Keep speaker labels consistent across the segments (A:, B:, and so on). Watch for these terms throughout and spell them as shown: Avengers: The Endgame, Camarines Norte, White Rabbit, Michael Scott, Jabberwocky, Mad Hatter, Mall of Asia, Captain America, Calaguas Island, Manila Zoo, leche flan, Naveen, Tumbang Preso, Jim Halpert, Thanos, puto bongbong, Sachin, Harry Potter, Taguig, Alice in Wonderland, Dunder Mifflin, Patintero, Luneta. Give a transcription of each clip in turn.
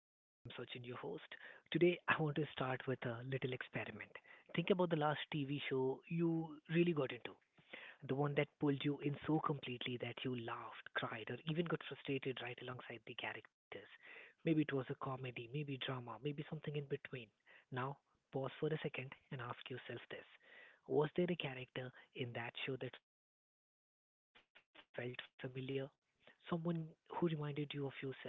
A: I am Sachin, your host. Today, I want to start with a little experiment. Think about the last TV show you really got into, the one that pulled you in so completely that you laughed, cried, or even got frustrated right alongside the characters. Maybe it was a comedy, maybe drama, maybe something in between. Now, pause for a second and ask yourself this: was there a character in that show that felt familiar? Someone who reminded you of yourself in a small or surprising ways?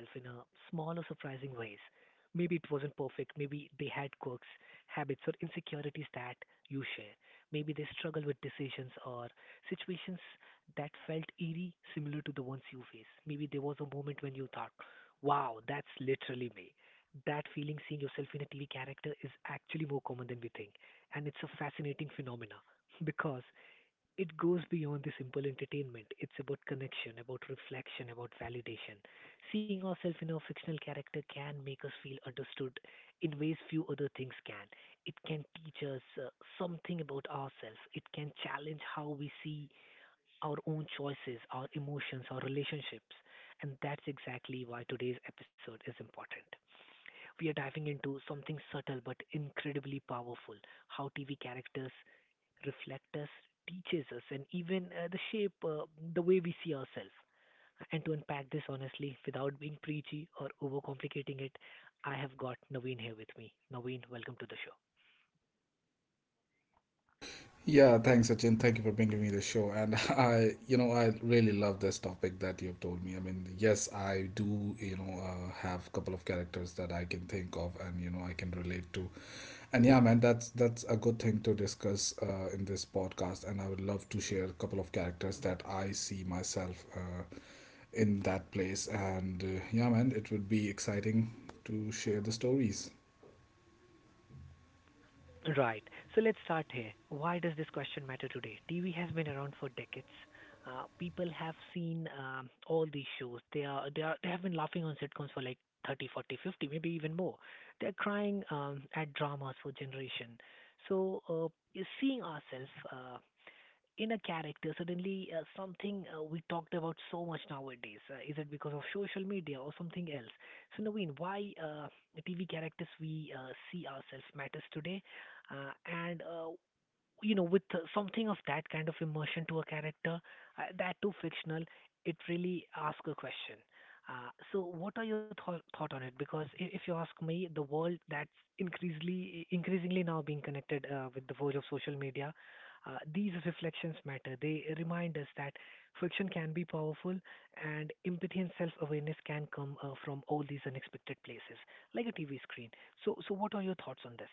A: Maybe it wasn't perfect, maybe they had quirks, habits, or insecurities that you share. Maybe they struggle with decisions or situations that felt eerie, similar to the ones you face. Maybe there was a moment when you thought, wow, that's literally me. That feeling, seeing yourself in a TV character, is actually more common than we think. And it's a fascinating phenomena because it goes beyond the simple entertainment. It's about connection, about reflection, about validation. Seeing ourselves in a fictional character can make us feel understood in ways few other things can. It can teach us something about ourselves. It can challenge how we see our own choices, our emotions, our relationships. And that's exactly why today's episode is important. We are diving into something subtle but incredibly powerful: how TV characters reflect us, teaches us, and even the shape, the way we see ourselves. And to unpack this honestly, without being preachy or overcomplicating it, I have got Naveen here with me. Naveen, welcome to the show.
B: Yeah, thanks, Sachin. Thank you for bringing me the show. And I, I really love this topic that you've told me. I mean, yes, I do, have a couple of characters that I can think of and, I can relate to. And yeah, man, that's a good thing to discuss in this podcast. And I would love to share a couple of characters that I see myself in that place. And yeah, man, it would be exciting to share the stories.
A: Right. So let's start here. Why does this question matter today? TV has been around for decades. People have seen all these shows. They are they are they have been laughing on sitcoms for like 30, 40, 50, maybe even more. They're crying at dramas for generation. So you seeing ourselves. In a character suddenly something we talked about so much nowadays? Is it because of social media or something else? So Naveen, why the TV characters we see ourselves matters today, uh, and you know, with something of that kind of immersion to a character, that too fictional, it really asks a question. So, what are your thought on it? Because if you ask me, the world that's increasingly now being connected with the force of social media, these reflections matter. They remind us that fiction can be powerful, and empathy and self awareness can come from all these unexpected places, like a TV screen. So, so what are your thoughts on this?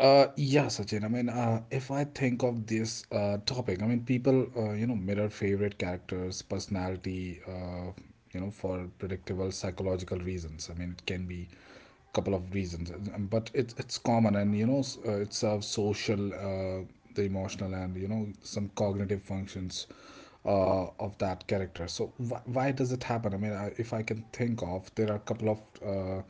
B: Yeah, Sachin. If I think of this topic, I mean, people, mirror favorite characters, personality, for predictable psychological reasons. I mean, it can be a couple of reasons, but it's common, and it serves social, the emotional, and some cognitive functions of that character. So why does it happen? If I can think of, there are a couple of uh,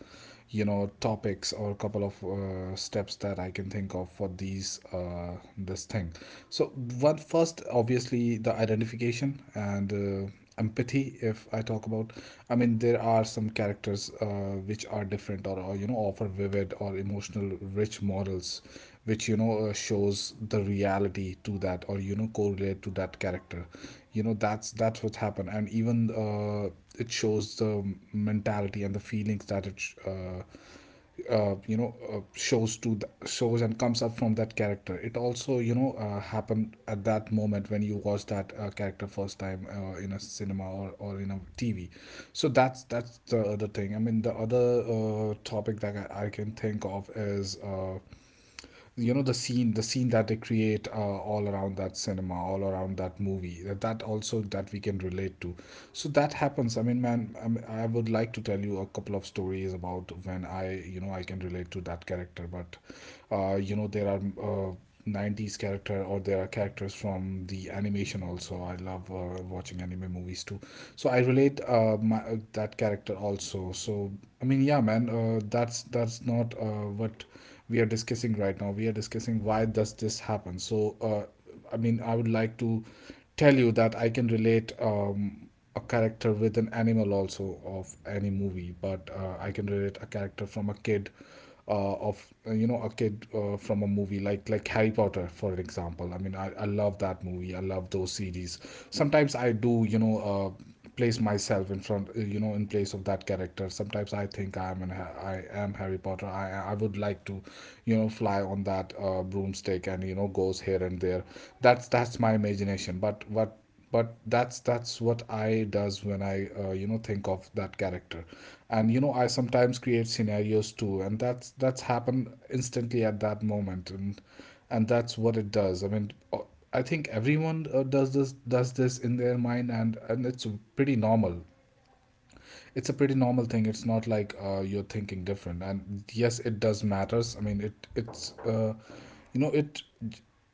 B: you know topics or a couple of steps that I can think of for these this thing. So one first, obviously, the identification and empathy. If I talk about, I mean, there are some characters which are different, or you know, offer vivid or emotional rich morals which, shows the reality to that, or you know, correlate to that character. You know, that's what's happened. And even it shows the mentality and the feelings that it shows to the shows and comes up from that character. It also, happened at that moment when you watch that character first time in a cinema, or in a TV. So that's the other thing. I mean the other topic that I can think of is the scene that they create all around that cinema, all around that movie, that also that we can relate to. So that happens. I would like to tell you a couple of stories about when I you know I can relate to that character. But there are 90s character, or there are characters from the animation. Also, I love watching anime movies too. So I relate that character also. So I mean yeah, man, that's not what we are discussing right now. We are discussing why does this happen. So I mean I would like to tell you that I can relate a character with an animal also of any movie. But I can relate a character from a kid of you know a kid from a movie like Harry Potter for an example. I mean, I love that movie. I love those series. Sometimes I do, place myself in front, in place of that character. Sometimes I think I am an I am Harry Potter. I would like to, you know, fly on that broomstick and you know, goes here and there. That's my imagination. But that's what I does when I, think of that character. And you know, I sometimes create scenarios too, and that's happened instantly at that moment. And that's what it does. I think everyone does this in their mind, and it's pretty normal. It's a pretty normal thing. It's not like you're thinking different. And yes, it does matters. I mean, it it's you know it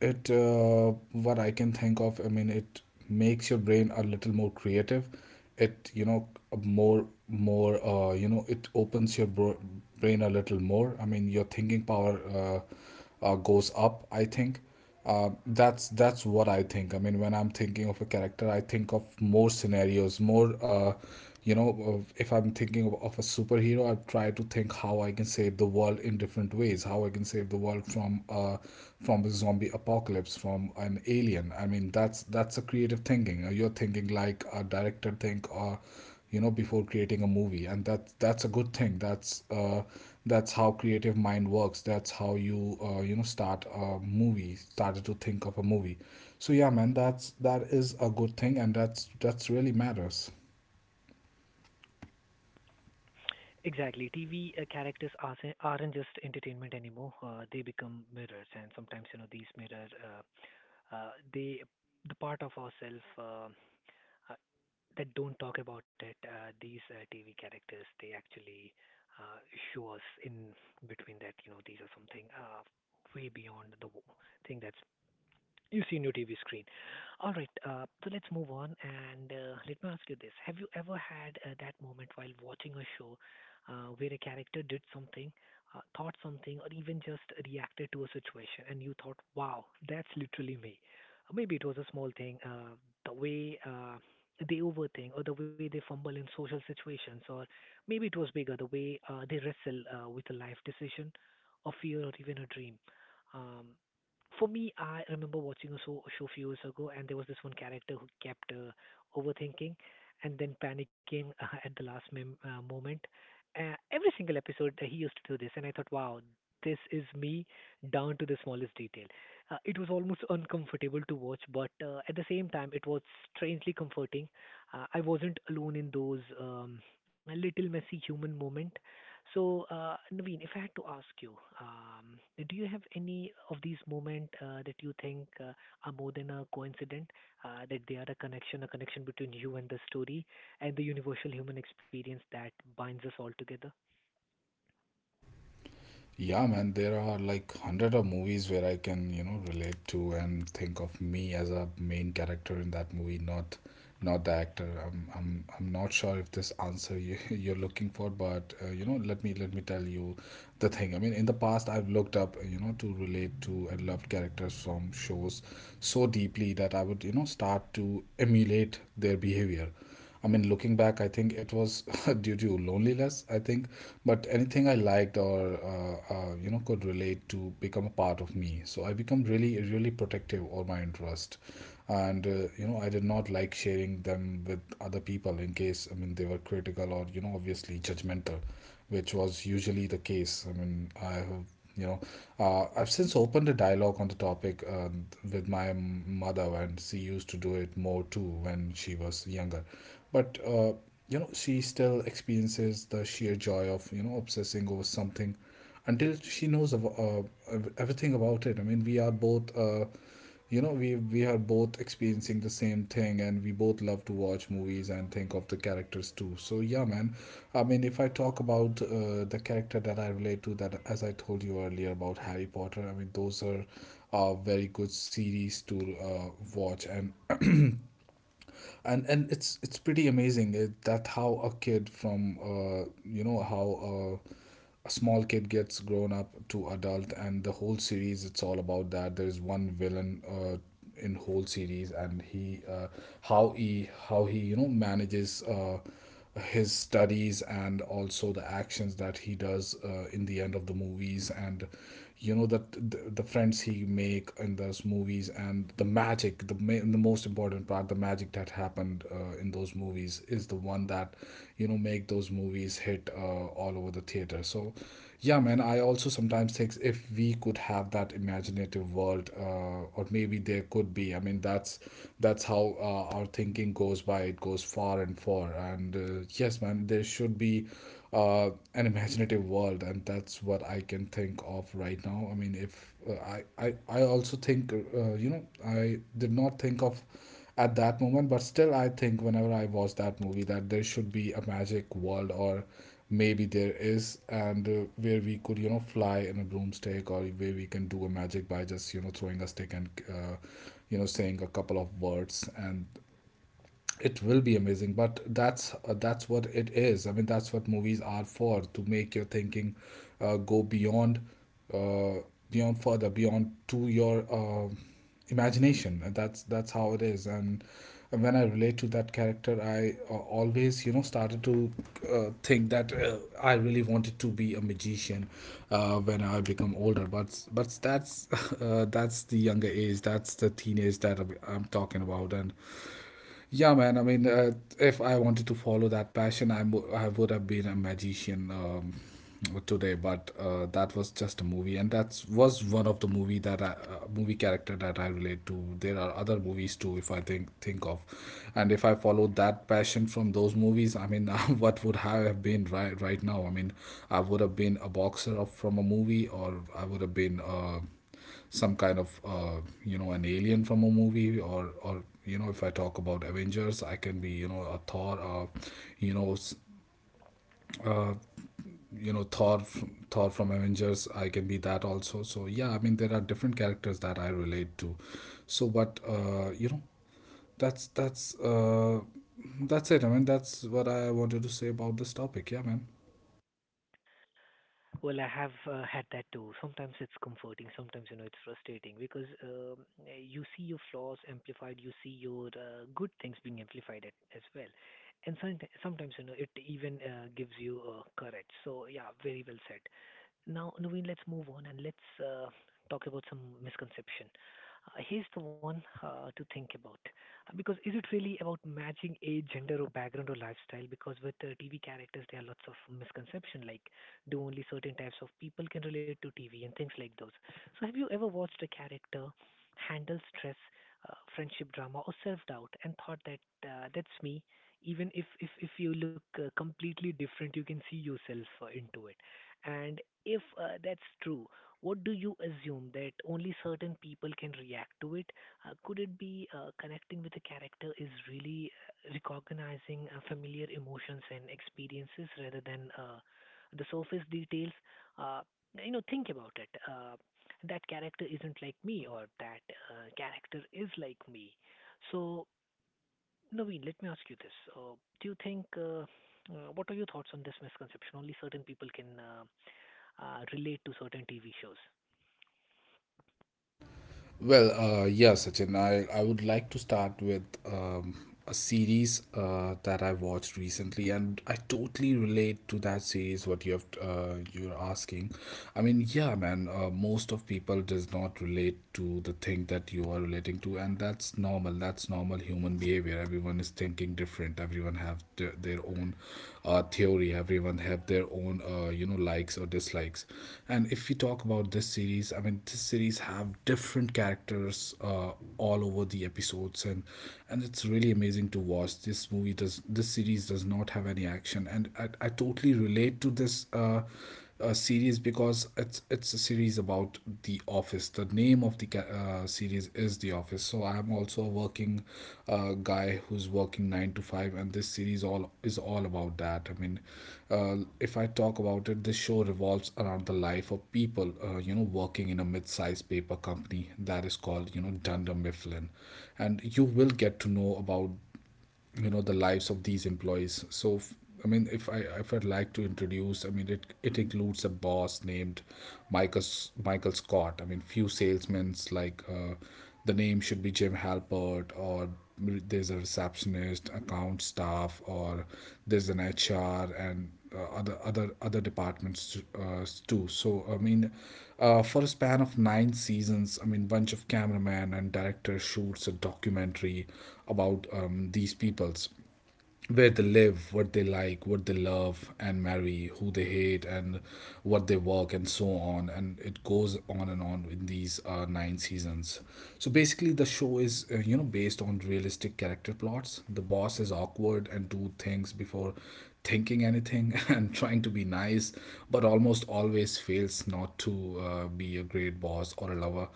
B: it what I can think of. I mean, it makes your brain a little more creative. It, you know, more, it opens your brain a little more. I mean, your thinking power goes up. I think that's what I think. I mean, when I'm thinking of a character, I think of more scenarios, more. If I'm thinking of a superhero, I try to think how I can save the world in different ways. How I can save the world from a zombie apocalypse, from an alien. I mean, that's a creative thinking. You're thinking like a director think, or you know, before creating a movie. And that's a good thing. That's how creative mind works. That's how you you know start a movie, started to think of a movie. So yeah, man, that's that is a good thing, and that's really matters.
A: Exactly. TV aren't just entertainment anymore. They become mirrors, and sometimes you know these mirrors, they the part of ourselves uh, that don't talk about it. These TV characters they actually uh, show us in between that you know these are something way beyond the thing that's you see seen your TV screen. All right, so let's move on and let me ask you this. Have you ever had that moment while watching a show where a character did something, thought something, or even just reacted to a situation and you thought, wow, that's literally me? Or maybe it was a small thing, the way they overthink or the way they fumble in social situations, or maybe it was bigger, the way they wrestle with a life decision, or fear, or even a dream. Um, for me, I remember watching a show few years ago, and there was this one character who kept overthinking and then panicking at the last moment. Every single episode, he used to do this, and I thought, wow, this is me down to the smallest detail. It was almost uncomfortable to watch, but at the same time, it was strangely comforting. I wasn't alone in those little messy human moment. So, Naveen, if I had to ask you, um, do you have any of these moments that you think are more than a coincidence, that they are a connection between you and the story and the universal human experience that binds us all together?
B: Yeah, man, there are like hundred of movies where I can, you know, relate to and think of me as a main character in that movie. Not not the actor. I'm not sure if this answer you, you're looking for. But let me tell you the thing. I mean, in the past, I've looked up, you know, to relate to and loved characters from shows so deeply that I would, you know, start to emulate their behavior. I mean, looking back, I think it was due to loneliness, I think, but anything I liked or, you know, could relate to become a part of me. So I become really, really protective of my interest. And, you know, I did not like sharing them with other people in case, I mean, they were critical or, you know, obviously judgmental, which was usually the case. I mean, I have, you know, I've since opened a dialogue on the topic with my mother, and she used to do it more too when she was younger. But, you know, she still experiences the sheer joy of, you know, obsessing over something until she knows of, everything about it. I mean, we are both. You know, we are both experiencing the same thing, and we both love to watch movies and think of the characters too. So yeah, man, I mean, if I talk about the character that I relate to, that as I told you earlier about Harry Potter. I mean, those are very good series to watch. And it's pretty amazing that how a kid from, you know how a small kid gets grown up to adult. And the whole series, it's all about that. There is one villain in whole series, and he how he how he you know, manages his studies, and also the actions that he does in the end of the movies. And you know that the friends he make in those movies, and the magic, the most important part, the magic that happened in those movies is the one that, you know, make those movies hit all over the theater. So yeah, man, I also sometimes think things, if we could have that imaginative world or maybe there could be. I mean, that's how our thinking goes by, it goes far and far. And yes, man, there should be an imaginative world, and that's what I can think of right now. I mean, if I also think, I did not think of at that moment, but still I think whenever I watch that movie that there should be a magic world, or maybe there is. And where we could, you know, fly in a broomstick, or where we can do a magic by just, you know, throwing a stick and you know, saying a couple of words, and it will be amazing. But that's what it is. I mean, that's what movies are for, to make your thinking go beyond, uh, beyond, further beyond to your imagination. And that's how it is. And when I relate to that character, I always, you know, started to think that I really wanted to be a magician when I become older. But that's that's the younger age, that's the teenage that I'm talking about. And yeah, man. If I wanted to follow that passion, I would have been a magician today. But that was just a movie, and that was one of the movie that movie character that I relate to. There are other movies too, if I think of, and if I followed that passion from those movies, I mean, what would I have been right now? I mean, I would have been a boxer from a movie, or I would have been. Some kind of an alien from a movie or you know, if I talk about Avengers, I can be, you know, a Thor, you know uh, you know thor thor from Avengers, I can be that also. So yeah, I mean, there are different characters that I relate to. So but you know that's That's it. I mean, that's what I wanted to say about this topic. Yeah, man.
A: Well, I have had that too. Sometimes it's comforting, sometimes you know it's frustrating because you see your flaws amplified, you see your good things being amplified at, as well, and sometimes you know it even gives you courage. So yeah, very well said. Now, Naveen, let's move on and let's talk about some misconception. Here's the one to think about. Because is it really about matching age, gender, or background or lifestyle? Because with TV characters, there are lots of misconception, like do only certain types of people can relate to TV and things like those. So, have you ever watched a character handle stress, friendship drama, or self-doubt, and thought that that's me? Even if you look completely different, you can see yourself into it, and if that's true, what do you assume that only certain people can react to it? Could it be connecting with a character is really recognizing familiar emotions and experiences rather than the surface details? Uh, you know, think about it. That character isn't like me, or that character is like me. So, Naveen, let me ask you this: do you think? What are your thoughts on this misconception? Only certain people can relate to certain TV shows.
B: Well, yeah, Sachin, I would like to start with a series that I watched recently, and I totally relate to that series. What you have you're asking, I mean, yeah, man, most of people does not relate to the thing that you are relating to, and that's normal. That's normal human behavior. Everyone is thinking different. Everyone have their own theory. Everyone have their own likes or dislikes. And if we talk about this series, I mean, this series have different characters, all over the episodes. And it's really amazing to watch. This movie does this series does not have any action, and I totally relate to this series, because it's a series about the office. The name of the series is The Office. So I'm also a working guy who's working 9 to 5, and this series all is all about that. I mean, if I talk about it, this show revolves around the life of people, working in a mid-sized paper company that is called, you know, Dunder Mifflin, and you will get to know about, you know, the lives of these employees. I mean, if I'd like to introduce, I mean, it includes a boss named Michael Scott. I mean, few salesmen's like, the name should be Jim Halpert, or there's a receptionist, account staff, or there's an HR, and other other departments, too. So I mean, for a span of nine seasons, I mean, bunch of cameraman and director shoots a documentary about, these peoples, where they live, what they like, what they love, and marry, who they hate, and what they work, and so on. And it goes on and on in these nine seasons. So basically, the show is, based on realistic character plots. The boss is awkward and do things before thinking anything and trying to be nice, but almost always fails not to be a great boss or a lover.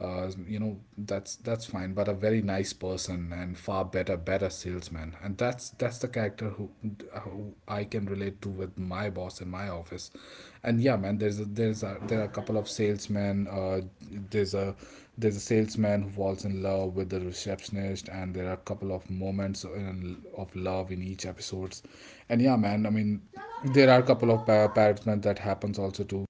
B: That's fine, but a very nice person and far better salesman, and that's the character who I can relate to with my boss in my office. And yeah, man, there are a couple of salesmen. There's a there's a salesman who falls in love with the receptionist, and there are a couple of moments of love in each episodes. And yeah, man, I mean, there are a couple of parrots that happens also to,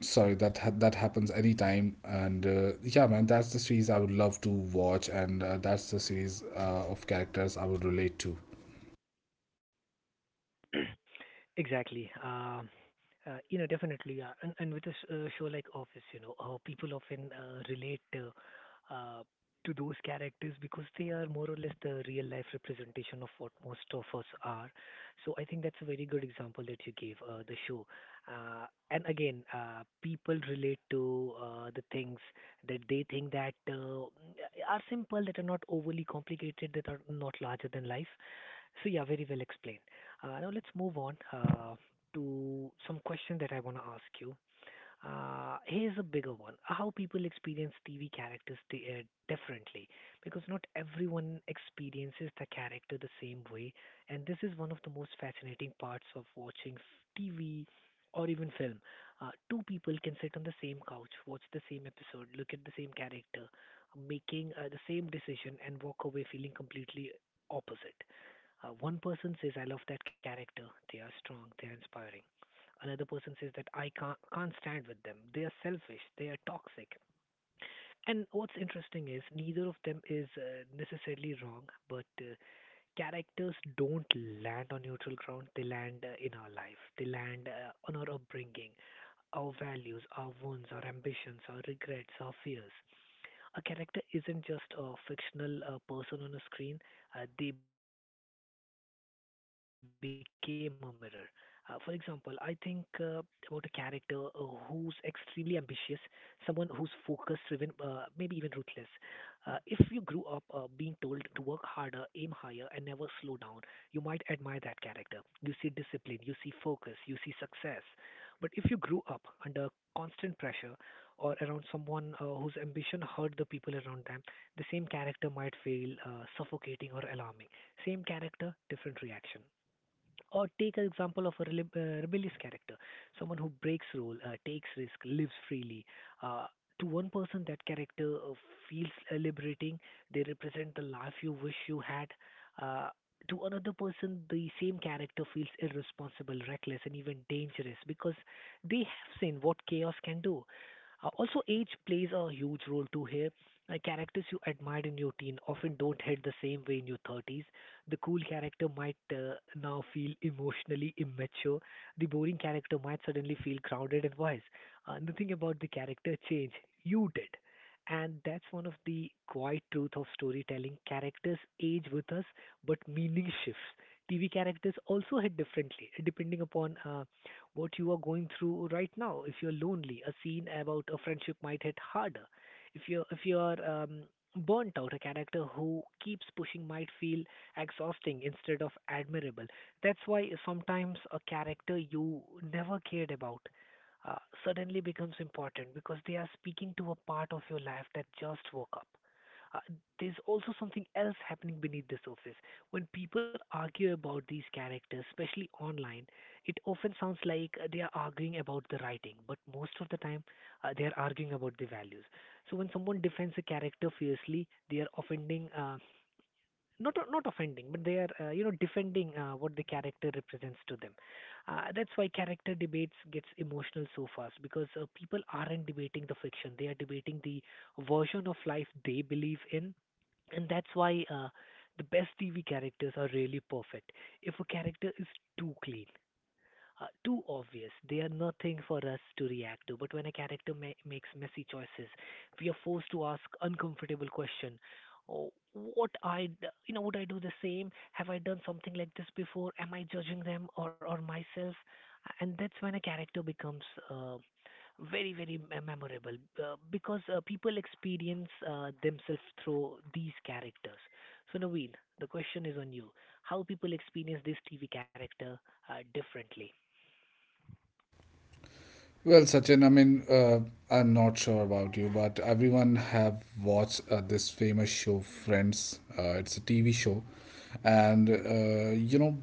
B: sorry, that happens anytime. And yeah, man, that's the series I would love to watch, and that's the series of characters I would relate to.
A: Exactly. You know, definitely. Yeah, and with a show like Office, you know, people often relate uh, to those characters because they are more or less the real life representation of what most of us are. So I think that's a very good example that you gave, the show. Uh, and again, people relate to the things that they think that are simple, that are not overly complicated, that are not larger than life. So yeah, very well explained. Now let's move on to some question that I want to ask you. Here's a bigger one: how people experience TV characters differently, because not everyone experiences the character the same way, and this is one of the most fascinating parts of watching TV or even film. Two people can sit on the same couch, watch the same episode, look at the same character, making the same decision, and walk away feeling completely opposite. One person says, I love that character. They are strong, they are inspiring. Another person says that I can't stand with them. They are selfish. They are toxic. And what's interesting is neither of them is necessarily wrong, but characters don't land on neutral ground. They land in our life. They land on our upbringing, our values, our wounds, our ambitions, our regrets, our fears. A character isn't just a fictional person on a screen, they became a mirror. For example, I think about a character who's extremely ambitious, someone who's focus driven, maybe even ruthless. If you grew up being told to work harder, aim higher, and never slow down, you might admire that character. You see discipline, you see focus, you see success. But if you grew up under constant pressure, or around someone whose ambition hurt the people around them, the same character might feel suffocating or alarming. Same character, different reaction. Or take an example of a rebellious character, someone who breaks rule, takes risk, lives freely. Uh, to one person, that character feels liberating. They represent the life you wish you had. Uh, to another person, the same character feels irresponsible, reckless, and even dangerous because they have seen what chaos can do. Also, age plays a huge role too here. Characters you admired in your teen often don't hit the same way in your 30s. The cool character might now feel emotionally immature. The boring character might suddenly feel crowded and wise. Nothing about the character changed. You did. And that's one of the quiet truth of storytelling. Characters age with us, but meaning shifts. TV characters also hit differently, depending upon what you are going through right now. If you're lonely, a scene about a friendship might hit harder. If you're burnt out, a character who keeps pushing might feel exhausting instead of admirable. That's why sometimes a character you never cared about uh, suddenly becomes important because they are speaking to a part of your life that just woke up. Uh, there's also something else happening beneath the surface. When people argue about these characters, especially online, it often sounds like they are arguing about the writing, but most of the time they are arguing about the values. So when someone defends a character fiercely, they are offending not offending, but they are defending what the character represents to them. That's why character debates gets emotional so fast because people aren't debating the fiction; they are debating the version of life they believe in, and that's why the best TV characters are really perfect. If a character is too clean, too obvious. They are nothing for us to react to. But when a character makes messy choices, we are forced to ask uncomfortable question. Oh, what I d- you know would I do the same? Have I done something like this before? Am I judging them or myself? And that's when a character becomes uh, very memorable because people experience themselves through these characters. So Naveen, the question is on you. How people experience this TV character differently?
B: Well, Sachin, I mean, I'm not sure about you, but everyone have watched, this famous show Friends. It's a TV show. And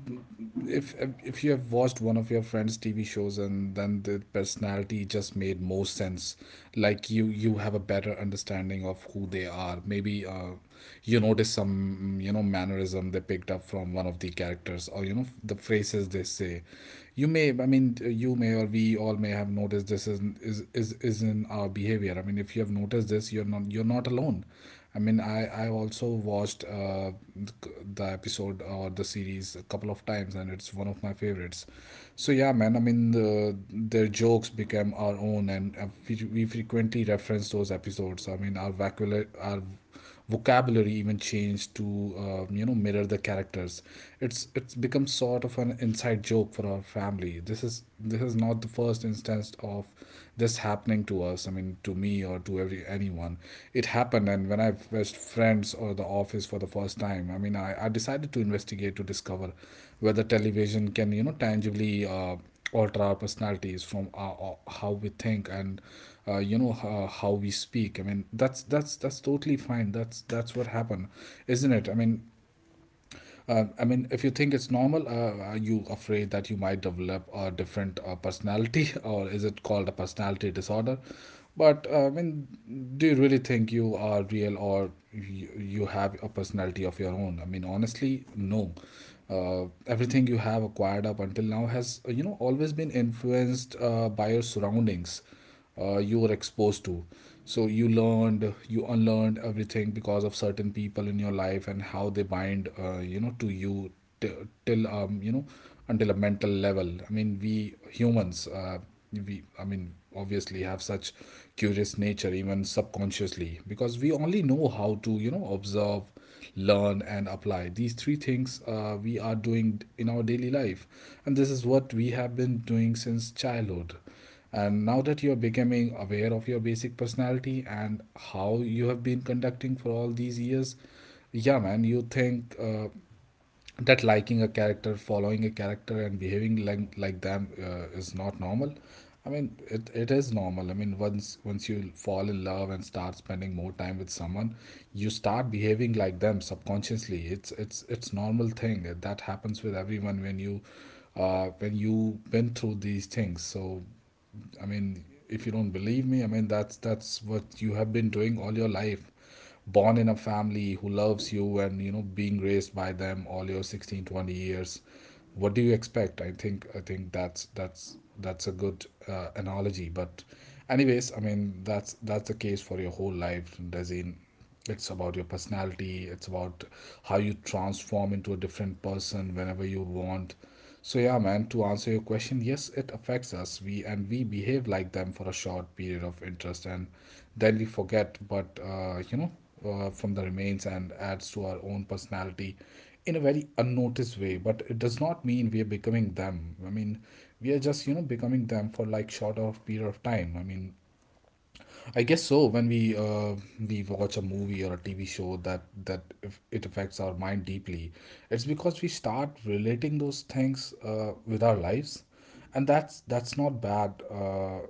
B: if if you have watched one of your friends TV shows, and then the personality just made more sense, like you have a better understanding of who they are. Maybe you notice some, you know, mannerism they picked up from one of the characters, or you know, the phrases they say. You may i mean, you may, or we all may have noticed this is in our behavior. I mean, if you have noticed this, you're not alone. I mean, I also watched the episode or the series a couple of times, and it's one of my favorites. So yeah, man. I mean, the, their jokes became our own, and we frequently reference those episodes. I mean, our vocabulary even changed to, you know, mirror the characters. It's become sort of an inside joke for our family. This is not the first instance of this happening to us, I mean, to me or to every anyone. It happened, and when I first friends or the office for the first time, I mean, I decided to investigate to discover whether television can, you know, tangibly alter our personalities from how we think and, how we speak. I mean, that's that's totally fine. That's what happened, isn't it? I mean, if you think it's normal, are you afraid that you might develop a different personality, or is it called a personality disorder? But I mean, do you really think you are real, or you have a personality of your own? I mean, honestly, no. Everything you have acquired up until now has, always been influenced by your surroundings you were exposed to. So you learned, you unlearned everything because of certain people in your life and how they bind, to you t- till, um, you know, until a mental level. I mean, we humans. We I mean, obviously have such curious nature, even subconsciously, because we only know how to, you know, observe, learn, and apply. These three things we are doing in our daily life, and this is what we have been doing since childhood. And now that you're becoming aware of your basic personality and how you have been conducting for all these years, yeah, man, you think that liking a character, following a character, and behaving like them is not normal. I mean, it is normal. I mean, once you fall in love and start spending more time with someone, you start behaving like them subconsciously. It's normal thing that happens with everyone when you went through these things. So I mean, if you don't believe me, I mean, that's what you have been doing all your life. Born in a family who loves you and, you know, being raised by them all your 16 20 years. What do you expect? I think that's that's a good analogy. But anyways, I mean, that's the case for your whole life, Dazin. It's about your personality. It's about how you transform into a different person whenever you want. So yeah, man, to answer your question, yes, it affects us, we and we behave like them for a short period of interest, and then we forget. But, from the remains and adds to our own personality in a very unnoticed way. But it does not mean we are becoming them. I mean, we are just, you know, becoming them for like short of period of time. I mean, I guess so. When we watch a movie or a TV show that if it affects our mind deeply, it's because we start relating those things with our lives, and that's not bad.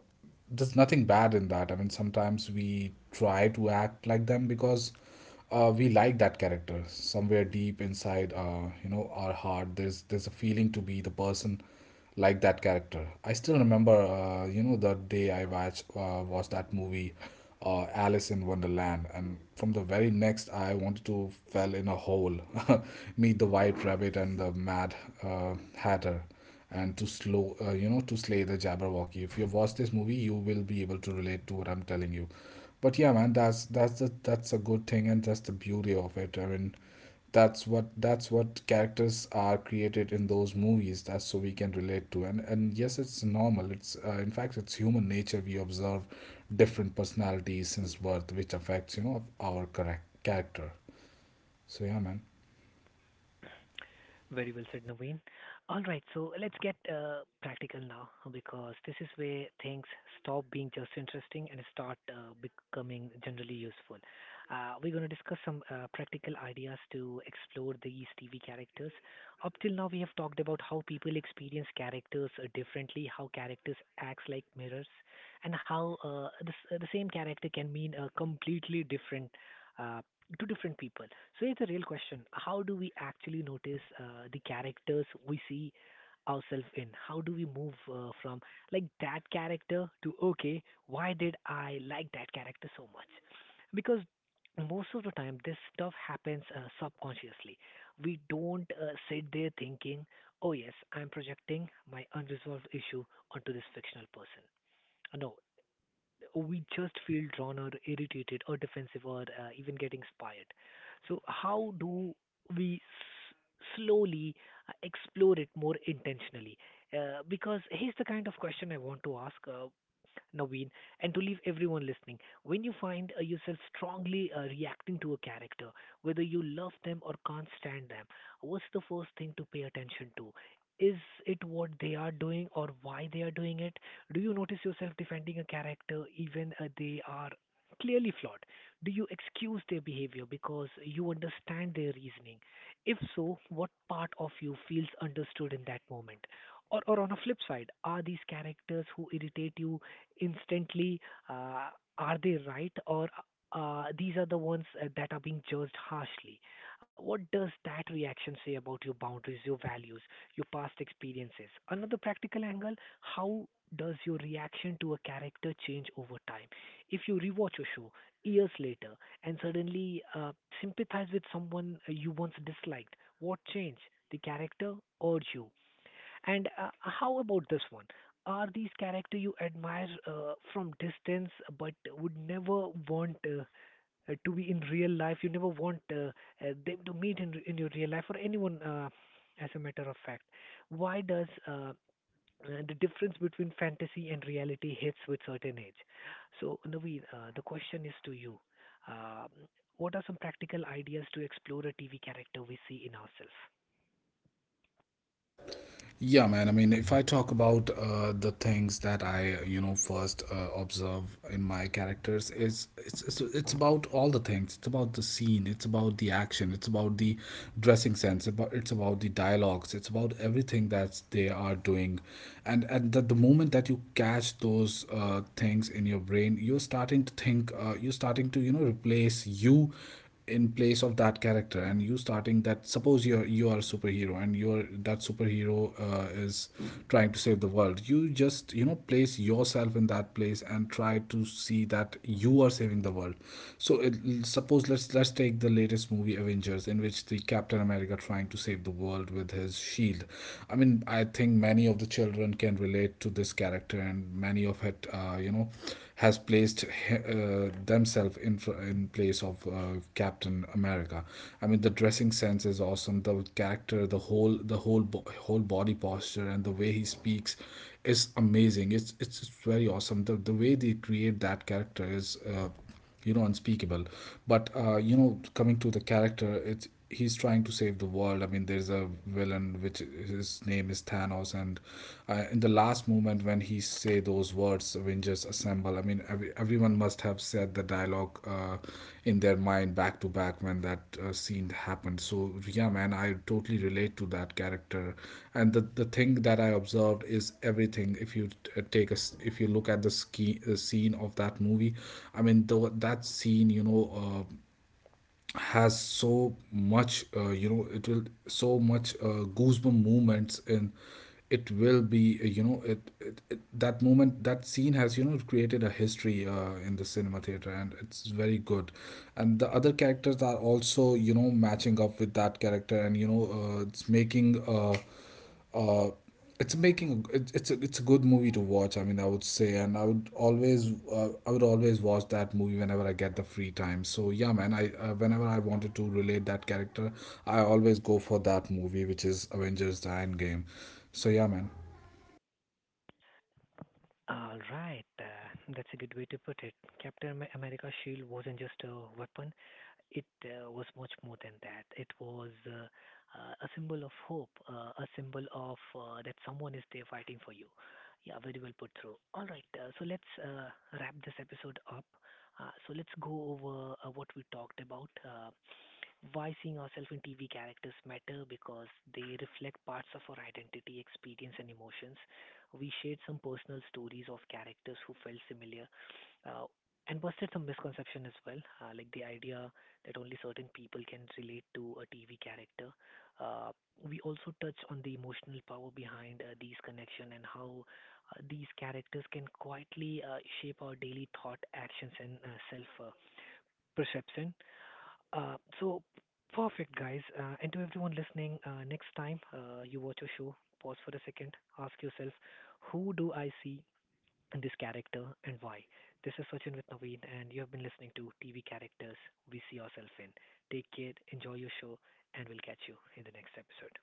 B: There's nothing bad in that. I mean, sometimes we try to act like them because we like that character somewhere deep inside. Our heart. There's a feeling to be the person like that character. I still remember, the day I watched that movie, Alice in Wonderland, and from the very next, I wanted to fell in a hole, meet the White Rabbit and the Mad Hatter, and to slow, to slay the Jabberwocky. If you watch this movie, you will be able to relate to what I'm telling you. But yeah, man, that's a good thing, and that's the beauty of it. I mean, that's what characters are created in those movies, that's so we can relate to. And yes, it's normal. It's in fact, it's human nature. We observe different personalities since birth, which affects, you know, our correct character. So yeah, man.
A: Very well said, Naveen. All right, so let's get practical now because this is where things stop being just interesting and start becoming generally useful. We're going to discuss some practical ideas to explore these TV characters. Up till now, we have talked about how people experience characters differently, how characters acts like mirrors, and how the same character can mean a completely different uh, to different people. So it's a real question. How do we actually notice the characters we see ourselves in? How do we move from like that character to okay, why did I like that character so much? Because most of the time, this stuff happens subconsciously. We don't sit there thinking, oh yes, I'm projecting my unresolved issue onto this fictional person. No, we just feel drawn or irritated or defensive or even getting inspired. So, how do we s- slowly explore it more intentionally? Because here's the kind of question I want to ask. Naveen, and to leave everyone listening. When you find yourself strongly reacting to a character, whether you love them or can't stand them, what's the first thing to pay attention to? Is it what they are doing or why they are doing it? Do you notice yourself defending a character even they are clearly flawed? Do you excuse their behavior because you understand their reasoning? If so, what part of you feels understood in that moment? Or on a flip side, are these characters who irritate you instantly, uh, are they right or these are the ones that are being judged harshly? What does that reaction say about your boundaries, your values, your past experiences? Another practical angle, how does your reaction to a character change over time? If you rewatch a show years later and suddenly sympathize with someone you once disliked, what changed? The character or you? And how about this one? Are these characters you admire from distance but would never want to be in real life? You never want them to meet in your real life or anyone, as a matter of fact. Why does the difference between fantasy and reality hits with certain age? So, Naveen, the question is to you. Um what are some practical ideas to explore a TV character we see in ourselves?
B: Yeah, man. I mean, if I talk about the things that I, you know, first observe in my characters, is it's about all the things. It's about the scene. It's about the action. It's about the dressing sense. About It's about the dialogues. It's about everything that they are doing, and that the moment that you catch those things in your brain, you're starting to think. You're starting to, you know, replace you in place of that character, and you starting that, suppose you're, you are a superhero, and you're that superhero is trying to save the world. You just, you know, place yourself in that place and try to see that you are saving the world. so it, suppose let's take the latest movie, Avengers, in which the Captain America trying to save the world with his shield. I mean, I think many of the children can relate to this character, and many of it that, has placed themselves in place of Captain America. I mean, the dressing sense is awesome. The character, the whole whole body posture, and the way he speaks is amazing. It's very awesome. The way they create that character is, unspeakable. But, coming to the character, it's, he's trying to save the world. I mean, there's a villain which his name is Thanos, and in the last moment when he say those words, Avengers assemble, I mean, everyone must have said the dialogue in their mind back to back when that scene happened. So yeah, man, I totally relate to that character. And the thing that I observed is everything. If you if you look at the ski scene of that movie, I mean, though that scene, you know, has so much, it will so much goosebump movements, and it will be, it, that moment, that scene has, you know, created a history in the cinema theater, and it's very good. And the other characters are also, you know, matching up with that character, and you know, uh, it's making it's a good movie to watch. I mean, I would say, and I would always, I would always watch that movie whenever I get the free time. So yeah, man, I, whenever I wanted to relate that character, I always go for that movie, which is Avengers: The Endgame. So yeah, man.
A: All right, that's a good way to put it. America's shield wasn't just a weapon, it was much more than that. It was a symbol of hope, a symbol of that someone is there fighting for you. Yeah, very well put through. All right, so let's wrap this episode up. So let's go over what we talked about. Why seeing ourselves in TV characters matter because they reflect parts of our identity, experience, and emotions. We shared some personal stories of characters who felt similar uh, and busted some misconception as well, like the idea that only certain people can relate to a TV character. Uh, we also touch on the emotional power behind these connections and how these characters can quietly shape our daily thought, actions, and self perception. So perfect, guys. And to everyone listening, next time you watch a show, pause for a second, ask yourself, who do I see this character and why. This is Sachin with Naveen, and you have been listening to TV Characters We See Yourself in. Take care, enjoy your show, and we'll catch you in the next episode.